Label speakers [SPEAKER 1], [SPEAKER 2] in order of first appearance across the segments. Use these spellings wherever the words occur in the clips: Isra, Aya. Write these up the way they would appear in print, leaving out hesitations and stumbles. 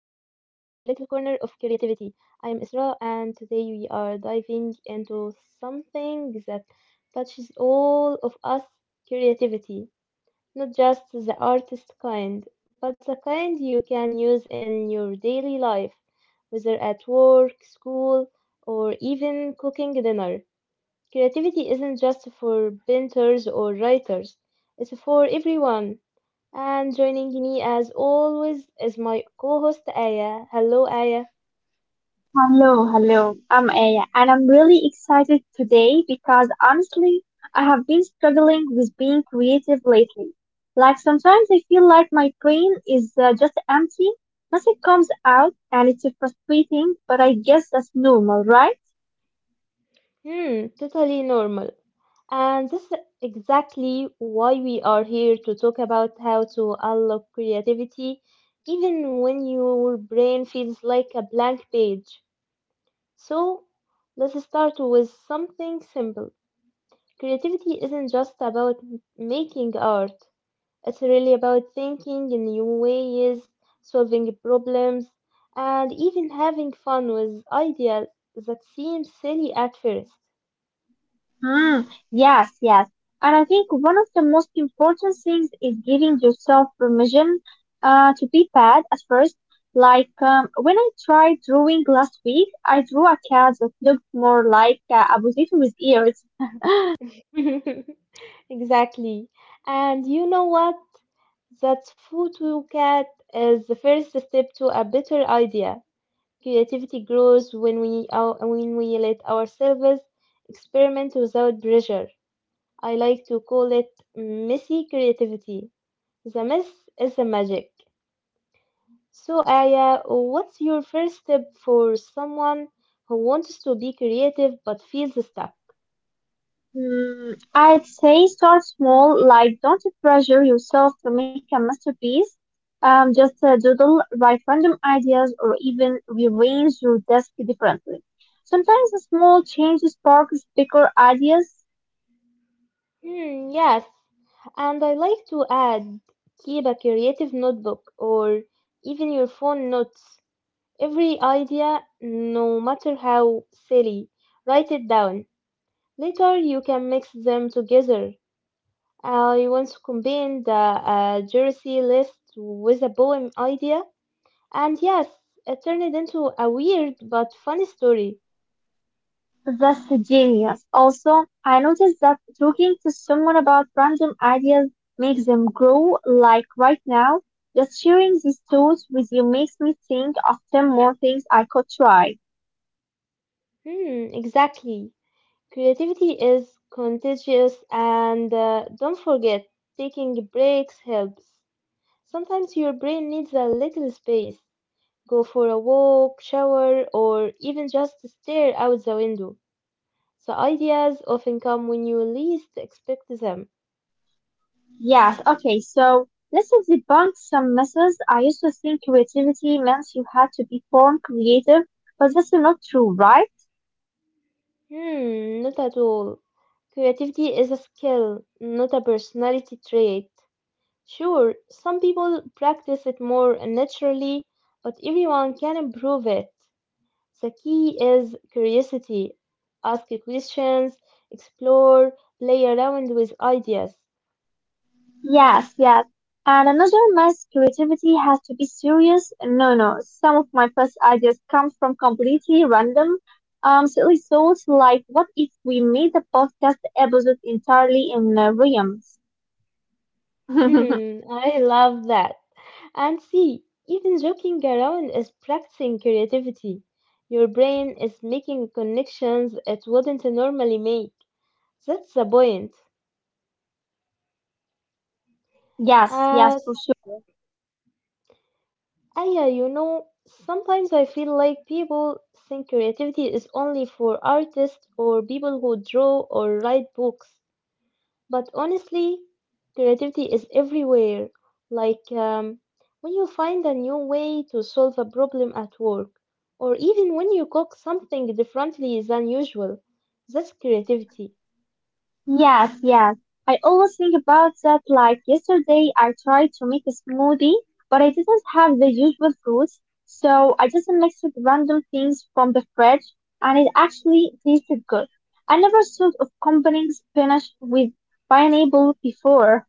[SPEAKER 1] corner of creativity. I am Isra, and today we are diving into something that touches all of us creativity, not just the artist kind, but the kind you can use in your daily life, whether at work, school, or even cooking dinner. Creativity isn't just for painters or writers, it's for everyone and joining me as always is my co host Aya. Hello, Aya.
[SPEAKER 2] Hello, hello. I'm Aya, and I'm really excited today because honestly, I have been struggling with being creative lately. Like sometimes I feel like my brain is just empty, nothing comes out, and it's frustrating, but I guess that's normal, right?
[SPEAKER 1] Hmm, totally normal. And this is exactly why we are here to talk about how to unlock creativity even when your brain feels like a blank page. So, let's start with something simple. Creativity isn't just about making art. It's really about thinking in new ways, solving problems, and even having fun with ideas that seem silly at first.
[SPEAKER 2] Mm, yes, yes. And I think one of the most important things is giving yourself permission to be bad at first. Like when I tried drawing last week, I drew a cat that looked more like a potato with ears.
[SPEAKER 1] Exactly. And you know what? That cat is the first step to a better idea. Creativity grows when when we let ourselves experiment without pressure. I like to call it messy creativity. The mess is the magic. So, Aya, what's your first tip for someone who wants to be creative but feels stuck?
[SPEAKER 2] Mm, I'd say start small, like don't pressure yourself to make a masterpiece. Just doodle, write random ideas, or even rearrange your desk differently. Sometimes a small change sparks bigger ideas.
[SPEAKER 1] Hmm, yes. And I like to add keep a creative notebook or even your phone notes. Every idea, no matter how silly, write it down. Later, you can mix them together. I once combined a jersey list with a poem idea. And yes, it turned into a weird but funny story.
[SPEAKER 2] That's genius. Also, I noticed that talking to someone about random ideas makes them grow. Like right now, just sharing these thoughts with you makes me think of 10 more things I could try.
[SPEAKER 1] Hmm, exactly. Creativity is contagious, and don't forget, taking breaks helps. Sometimes your brain needs a little space. Go for a walk, shower, or even just stare out the window. The ideas often come when you least expect them.
[SPEAKER 2] Yes, okay, so let's debunk some myths. I used to think creativity meant you had to be born creative, but that's not true, right?
[SPEAKER 1] Hmm, not at all. Creativity is a skill, not a personality trait. Sure, some people practice it more naturally, but everyone can improve it. The key is curiosity. Ask questions, explore, play around with ideas.
[SPEAKER 2] Yes, yes. And another myth, creativity has to be serious. No, no. Some of my first ideas come from completely random, silly thoughts like, what if we made the podcast episode entirely in rhymes?
[SPEAKER 1] I love that. And see, even joking around is practicing creativity. Your brain is making connections it wouldn't normally make. That's the point.
[SPEAKER 2] Yes,
[SPEAKER 1] Uh,
[SPEAKER 2] yes, for sure.
[SPEAKER 1] Yeah, you know, sometimes I feel like people think creativity is only for artists or people who draw or write books. But honestly, creativity is everywhere. Like when you find a new way to solve a problem at work, or even when you cook something differently than usual, that's creativity.
[SPEAKER 2] Yes, yes. I always think about that. Like yesterday, I tried to make a smoothie, but I didn't have the usual fruits, so I just mixed with random things from the fridge, and it actually tasted good. I never thought of combining spinach with pineapple before.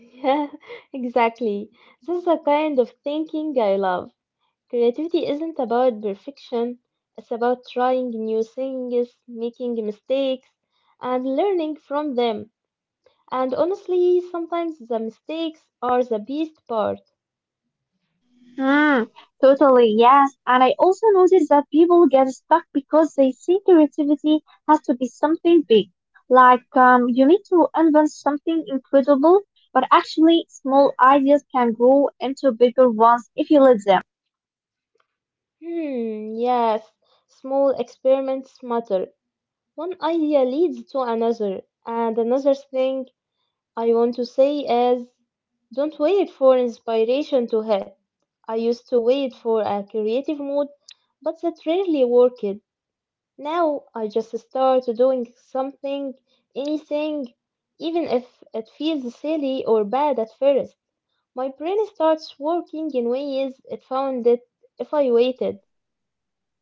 [SPEAKER 1] Yeah, exactly. That's the kind of thinking I love. Creativity isn't about perfection, it's about trying new things, making mistakes, and learning from them. And honestly, sometimes the mistakes are the best part.
[SPEAKER 2] Mm, totally, yes. And I also noticed that people get stuck because they see creativity has to be something big. Like, you need to invent something incredible, but actually, small ideas can grow into bigger ones if you let them.
[SPEAKER 1] Hmm, yes, small experiments matter. One idea leads to another, and another thing I want to say is don't wait for inspiration to hit. I used to wait for a creative mood, but that rarely worked. Now I just start doing something, anything, even if it feels silly or bad at first. My brain starts working in ways it found it if I waited.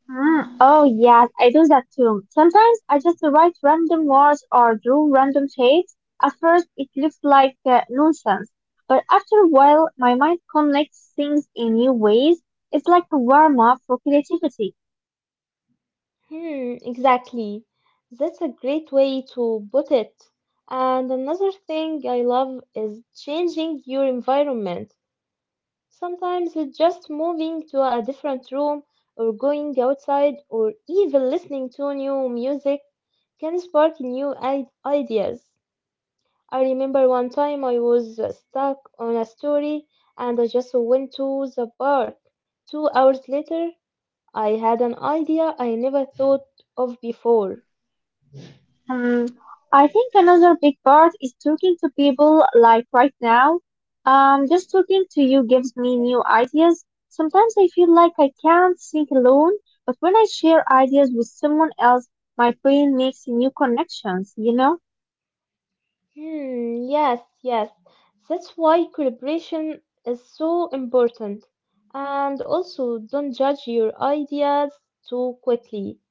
[SPEAKER 2] Mm, oh yes, I do that too. Sometimes I just write random words or draw random shapes. At first, it looks like nonsense, but after a while, my mind connects things in new ways. It's like a warm up for creativity.
[SPEAKER 1] Hmm, exactly. That's a great way to put it. And another thing I love is changing your environment. Sometimes it's just moving to a different room or going outside or even listening to new music can spark ideas. I remember one time I was stuck on a story and I just went to the park. 2 hours later, I had an idea I never thought of before.
[SPEAKER 2] Hmm, I think another big part is talking to people like right now. Just talking to you gives me new ideas. Sometimes I feel like I can't think alone, but when I share ideas with someone else, my brain makes new connections, you know?
[SPEAKER 1] Hmm, yes, yes. That's why collaboration is so important. And also, don't judge your ideas too quickly.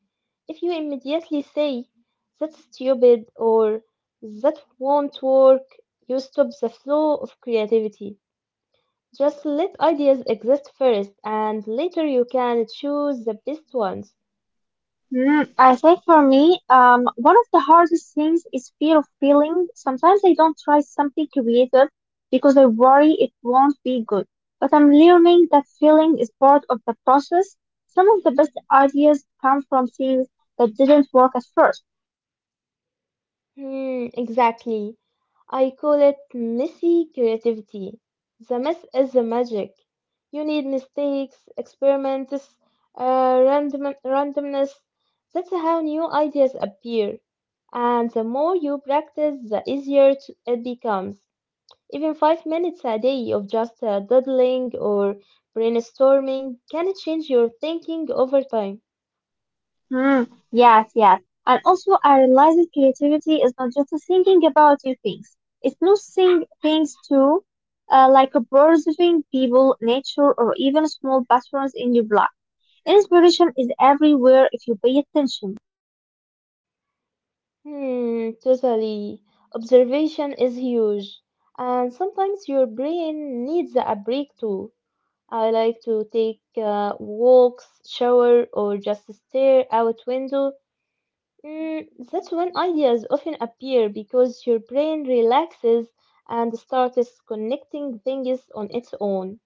[SPEAKER 1] If you immediately say, that's stupid or that won't work, you stop the flow of creativity. Just let ideas exist first, and later you can choose the best ones.
[SPEAKER 2] Mm, I think for me, one of the hardest things is fear of failing. Sometimes I don't try something creative because I worry it won't be good. But I'm learning that failing is part of the process. Some of the best ideas come from things that didn't work at first.
[SPEAKER 1] Hmm, exactly. I call it messy creativity. The mess is the magic. You need mistakes, experiments, randomness. That's how new ideas appear. And the more you practice, the easier it becomes. Even 5 minutes a day of just doodling or brainstorming can change your thinking over time.
[SPEAKER 2] Mm, yes, yes. And also, I realize that creativity is not just thinking about new things. It's noticing things too, like observing people, nature, or even small patterns in your life. Inspiration is everywhere if you pay attention.
[SPEAKER 1] Hmm, totally. Observation is huge, and sometimes your brain needs a break too. I like to take walks, shower, or just stare out window. Mm, that's when ideas often appear because your brain relaxes and starts connecting things on its own.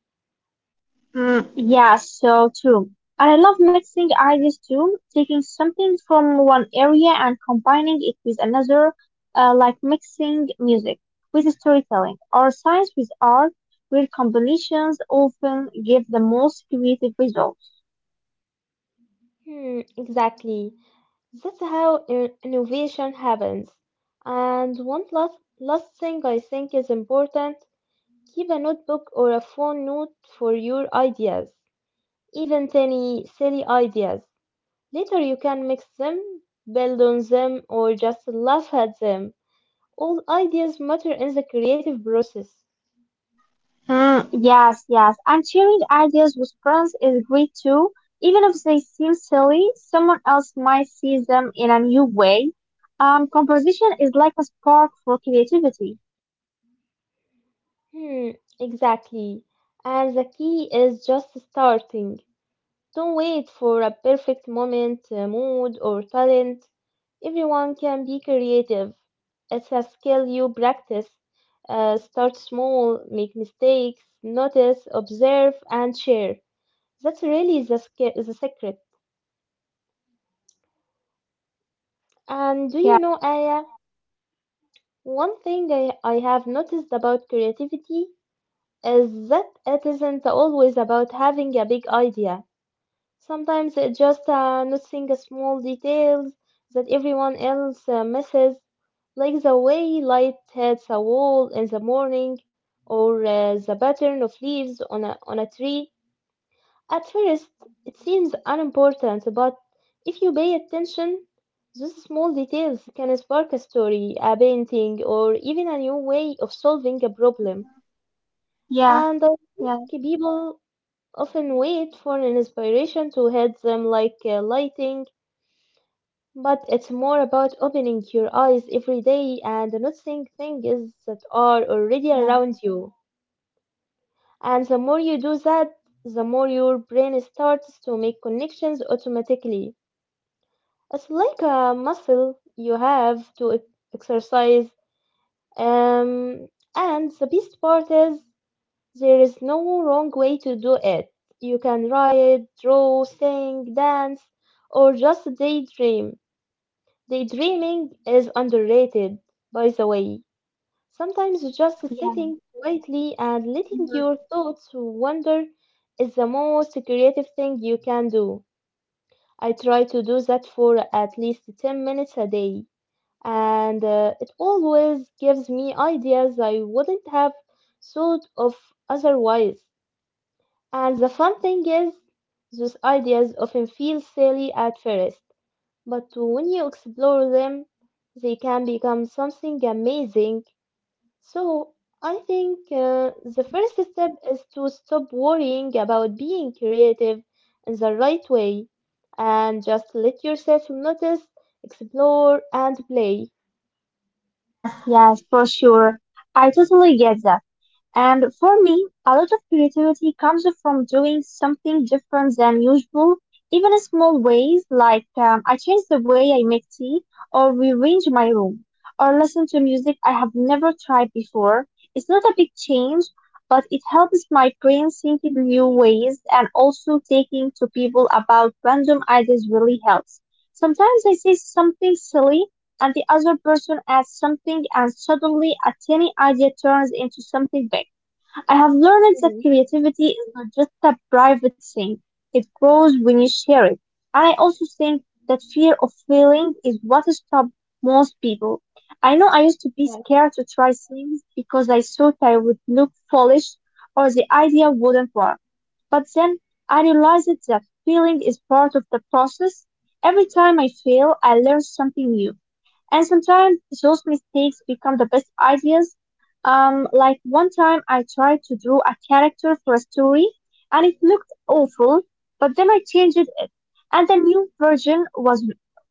[SPEAKER 2] Mm, yeah, so true. I love mixing ideas too, taking something from one area and combining it with another, like mixing music with storytelling or science with art, where combinations often give the most creative results.
[SPEAKER 1] Hmm, exactly. That's how innovation happens. And one last thing I think is important. Keep a notebook or a phone note for your ideas, even tiny, silly ideas. Later you can mix them, build on them, or just laugh at them. All ideas matter in the creative process.
[SPEAKER 2] Mm, yes, yes. And sharing ideas with friends is great too. Even if they seem silly, someone else might see them in a new way. Composition is like a spark for creativity.
[SPEAKER 1] Hmm, exactly. And the key is just starting. Don't wait for a perfect moment, mood, or talent. Everyone can be creative. It's a skill you practice. Start small, make mistakes, notice, observe, and share. That's really the secret. And do you know,
[SPEAKER 2] Yeah,
[SPEAKER 1] Aya, one thing I have noticed about creativity is that it isn't always about having a big idea. Sometimes it's just noticing the small details that everyone else misses, like the way light hits a wall in the morning or the pattern of leaves on on a tree. At first, it seems unimportant, but if you pay attention, those small details can spark a story, a painting, or even a new way of solving a problem.
[SPEAKER 2] yeah,
[SPEAKER 1] And I think
[SPEAKER 2] yeah,
[SPEAKER 1] people often wait for an inspiration to hit them like lighting, but it's more about opening your eyes every day and noticing things that are already
[SPEAKER 2] yeah,
[SPEAKER 1] around you. And the more you do that, the more your brain starts to make connections automatically. It's like a muscle you have to exercise. Um, and the best part is there is no wrong way to do it. You can write, draw, sing, dance, or just daydream. Daydreaming is underrated, by the way. Sometimes just
[SPEAKER 2] yeah.
[SPEAKER 1] sitting quietly and letting
[SPEAKER 2] Mhm,
[SPEAKER 1] your thoughts wander is the most creative thing you can do. I try to do that for at least 10 minutes a day, and it always gives me ideas I wouldn't have thought of otherwise. And the fun thing is, those ideas often feel silly at first, but when you explore them, they can become something amazing. So, I think the
[SPEAKER 2] mhm.
[SPEAKER 1] first step is to stop worrying about being creative in the right way and just let yourself notice, explore, and play.
[SPEAKER 2] Yes, yes, for sure. I totally get that. And for me, a lot of creativity comes from doing something different than usual, even in small ways, like I change the way I make tea, or rearrange my room, or listen to music I have never tried before. It's not a big change, but it helps my brain think in new ways, and also talking to people about random ideas really helps. Sometimes I say something silly, and the other person adds something and suddenly a tiny idea turns into something big. I have learned that
[SPEAKER 1] Hmm,
[SPEAKER 2] creativity is not just a private thing. It grows when you share it. And I also think that fear of failing is what stops most people. I know I used to be
[SPEAKER 1] yes.
[SPEAKER 2] scared to try things because I thought I would look foolish or the idea wouldn't work. But then I realized that feeling is part of the process. Every time I fail, I learn something new. And sometimes those mistakes become the best ideas. Like one time I tried to draw a character for a story and it looked awful, but then I changed it and the new version was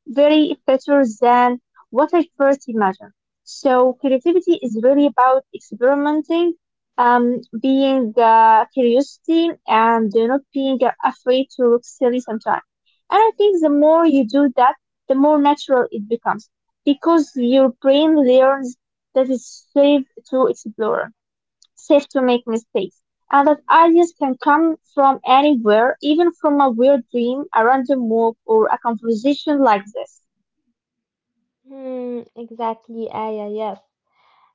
[SPEAKER 2] very better than what I first imagined. So creativity is really about experimenting, being curiosity and not being afraid to look silly sometimes. And I think the more you do that, the more natural it becomes because your brain learns that it's safe to explore, safe to make mistakes, and that ideas can come from anywhere, even from a weird dream, a random walk, or a conversation like this.
[SPEAKER 1] Hmm, exactly, Aya, yes.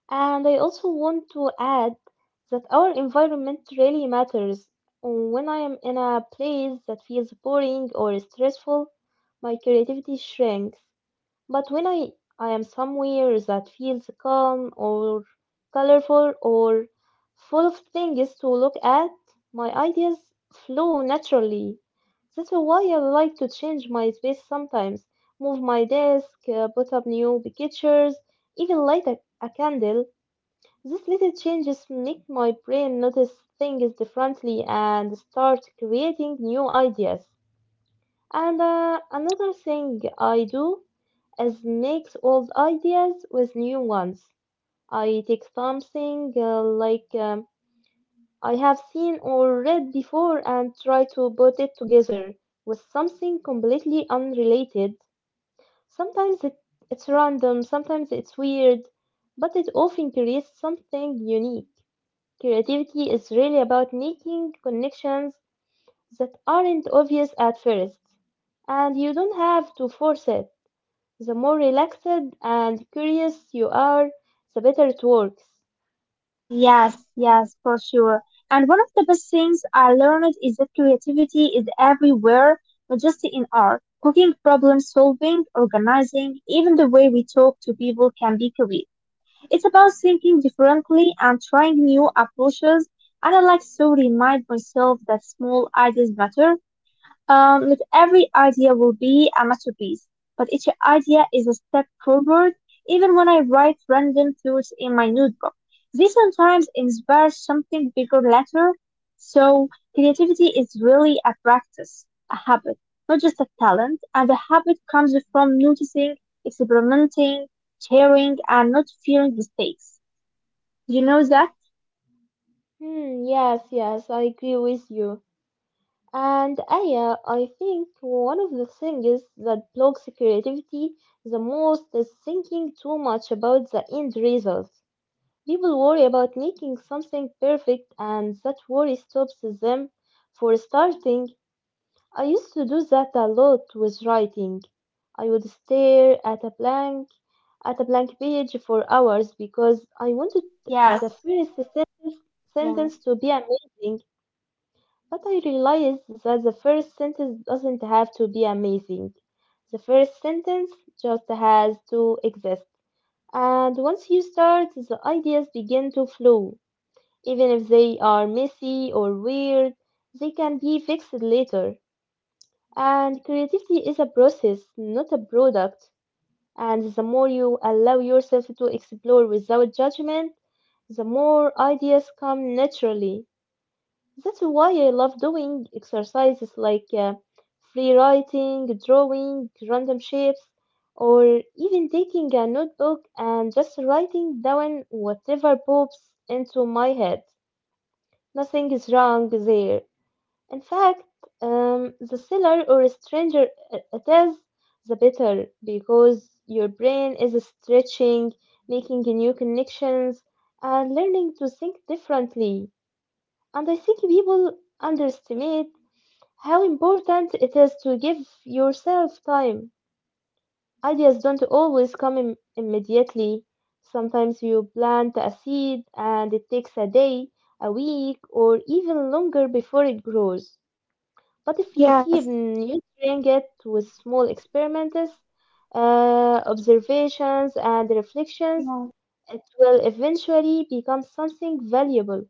[SPEAKER 1] And I also want to add that our environment really matters. When I am in a place that feels boring or stressful, my creativity shrinks. But when I am somewhere that feels calm or colorful or full of things to look at, my ideas flow naturally. That's why I like to change my space sometimes, move my desk, put up new pictures, even light a candle. These little changes make my brain notice things differently and start creating new ideas. And another thing I do is mix old ideas with new ones. I take something I have seen or read before and try to put it together with something completely unrelated. Sometimes it's random, sometimes it's weird, but it often creates something unique. Creativity is really about making connections that aren't obvious at first, and you don't have to force it. The more relaxed and curious you are, the better it works.
[SPEAKER 2] Yes, yes, for sure. And one of the best things I learned is that creativity is everywhere, not just in art. Cooking, problem solving, organizing, even the way we talk to people can be creative. It's about thinking differently and trying new approaches, and I like to remind myself that small ideas matter. Not every idea will be a masterpiece, but each idea is a step forward. Even when I write random thoughts in my notebook, they sometimes inspire something bigger later. So creativity is really a practice, a habit, not just a talent. And the habit comes from noticing, experimenting, sharing, and not fearing mistakes. Do you know that?
[SPEAKER 1] Hmm, yes, yes, I agree with you. And Aya, I think one of the things that blocks creativity the most is thinking too much about the end result. People worry about making something perfect, and that worry stops them. For starting, I used to do that a lot with writing. I would stare at a blank page for hours because I wanted
[SPEAKER 2] Yes.
[SPEAKER 1] the first sentence, sentence
[SPEAKER 2] Yes.
[SPEAKER 1] to be amazing, but I realized that the first sentence doesn't have to be amazing. The first sentence just has to exist. And once you start, the ideas begin to flow. Even if they are messy or weird, they can be fixed later. And creativity is a process, not a product. And the more you allow yourself to explore without judgment, the more ideas come naturally. That's why I love doing exercises like free writing, drawing random shapes, or even taking a notebook and just writing down whatever pops into my head. Nothing is wrong there. In fact, the sillier or stranger it is, the better, because your brain is stretching, making new connections, and learning to think differently. And I think people underestimate how important it is to give yourself time. Ideas don't always come immediately. Sometimes you plant a seed and it takes a day, a week, or even longer before it grows. But if you keep
[SPEAKER 2] Yes.
[SPEAKER 1] nurturing it with small experiments, observations, and reflections,
[SPEAKER 2] Yes,
[SPEAKER 1] it will eventually become something valuable.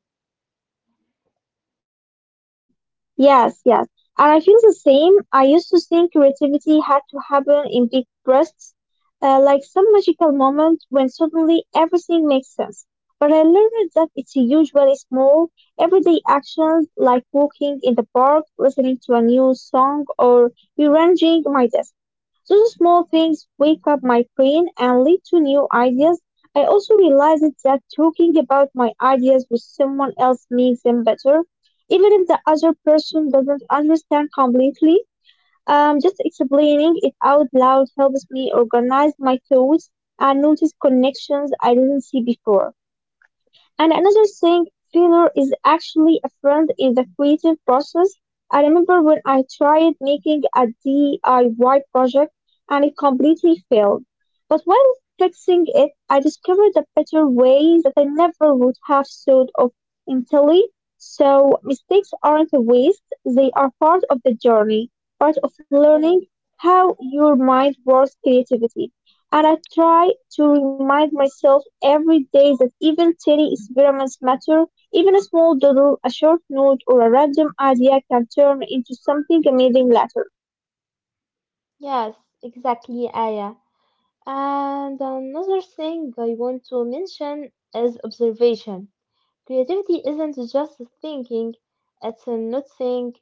[SPEAKER 2] yes, yes. And I feel the same. I used to think creativity had to happen in big bursts, like some magical moment when suddenly everything makes sense. But I learned that it's usually small, everyday actions like walking in the park, listening to a new song, or rearranging my desk. Those small things wake up my brain and lead to new ideas. I also realized that talking about my ideas with someone else makes them better. Even if the other person doesn't understand completely, just explaining it out loud helps me organize my thoughts and notice connections I didn't see before. And another thing, failure is actually a friend in the creative process. I remember when I tried making a DIY project and it completely failed. But while fixing it, I discovered a better way that I never would have thought of initially. So mistakes aren't a waste, they are part of the journey, part of learning
[SPEAKER 1] Yes,
[SPEAKER 2] how your mind works creativity. And I try to remind myself every day that even tiny experiments matter. Even a small doodle, a short note, or a random idea can turn into something amazing later.
[SPEAKER 1] yes, exactly, Aya. And another thing I want to mention is observation. Creativity isn't just thinking, it's noticing.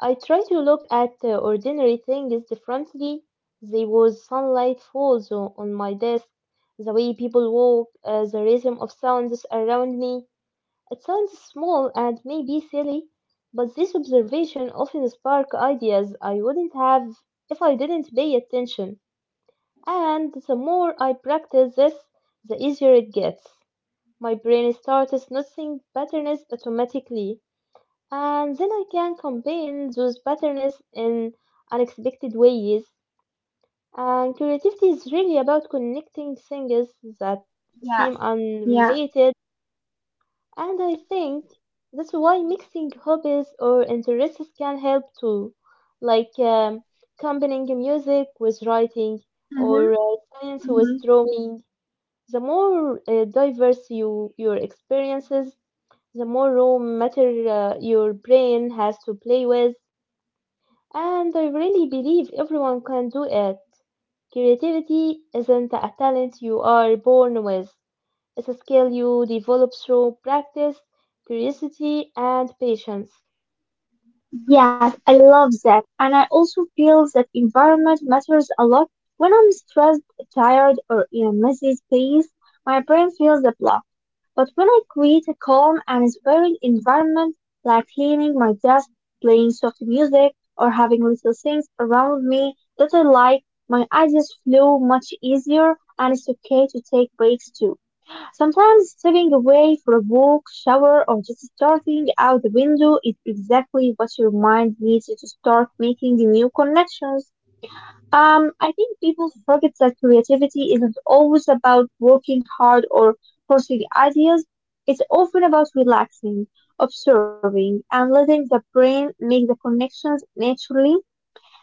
[SPEAKER 1] I try to look at ordinary things differently. There was sunlight falls on my desk, the way people walk, the rhythm of sounds around me. It sounds small and maybe silly, but this observation often spark ideas I wouldn't have if I didn't pay attention. And the more I practice this, the easier it gets. My brain starts noticing patterns automatically, and then I can combine those patterns in unexpected ways. And creativity is really about connecting things that
[SPEAKER 2] Yeah,
[SPEAKER 1] seem
[SPEAKER 2] yeah.
[SPEAKER 1] unrelated, and I think that's why mixing hobbies or interests can help too, like combining music with writing
[SPEAKER 2] Mm-hmm.
[SPEAKER 1] or science with
[SPEAKER 2] Mm-hmm.
[SPEAKER 1] drawing. The more diverse you your experiences, the more raw matter your brain has to play with. And I really believe everyone can do it. Creativity isn't a talent you are born with, it's a skill you develop through practice, curiosity, and patience.
[SPEAKER 2] Yes, I love that. And I also feel that environment matters a lot. When I'm stressed, tired, or in a messy space, my brain feels the block. But when I create a calm and inspiring environment, like cleaning my desk, playing soft music, or having little things around me that I like, my ideas flow much easier and it's okay to take breaks too. Sometimes stepping away for a walk, shower, or just starting out the window is exactly what your mind needs to start making new connections. I think people forget that creativity isn't always about working hard or forcing ideas. It's often about relaxing, observing, and letting the brain make the connections naturally.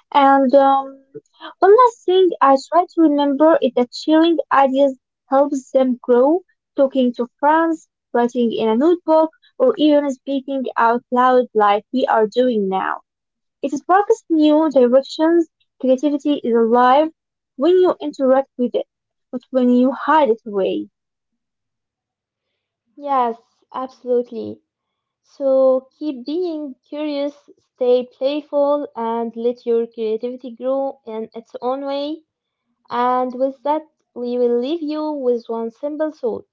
[SPEAKER 2] And one last thing I try to remember is that sharing ideas helps them grow. Talking to friends, writing in a notebook, or even speaking out loud like we are doing now. It sparks new directions, creativity is alive when you interact with it, not when you hide it away.
[SPEAKER 1] Yes, absolutely. So keep being curious, stay playful, and let your creativity grow in its own way. And with that, we will leave you with one simple thought.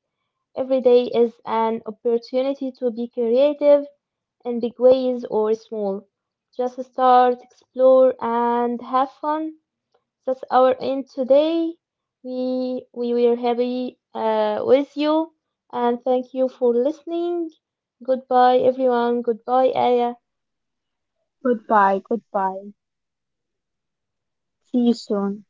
[SPEAKER 1] Every day is an opportunity to be creative in big ways or small. Just start, explore, and have fun. That's our end today. We were happy with you, and thank you for listening. Goodbye, everyone. Goodbye, Aya.
[SPEAKER 2] Goodbye, goodbye. See you soon.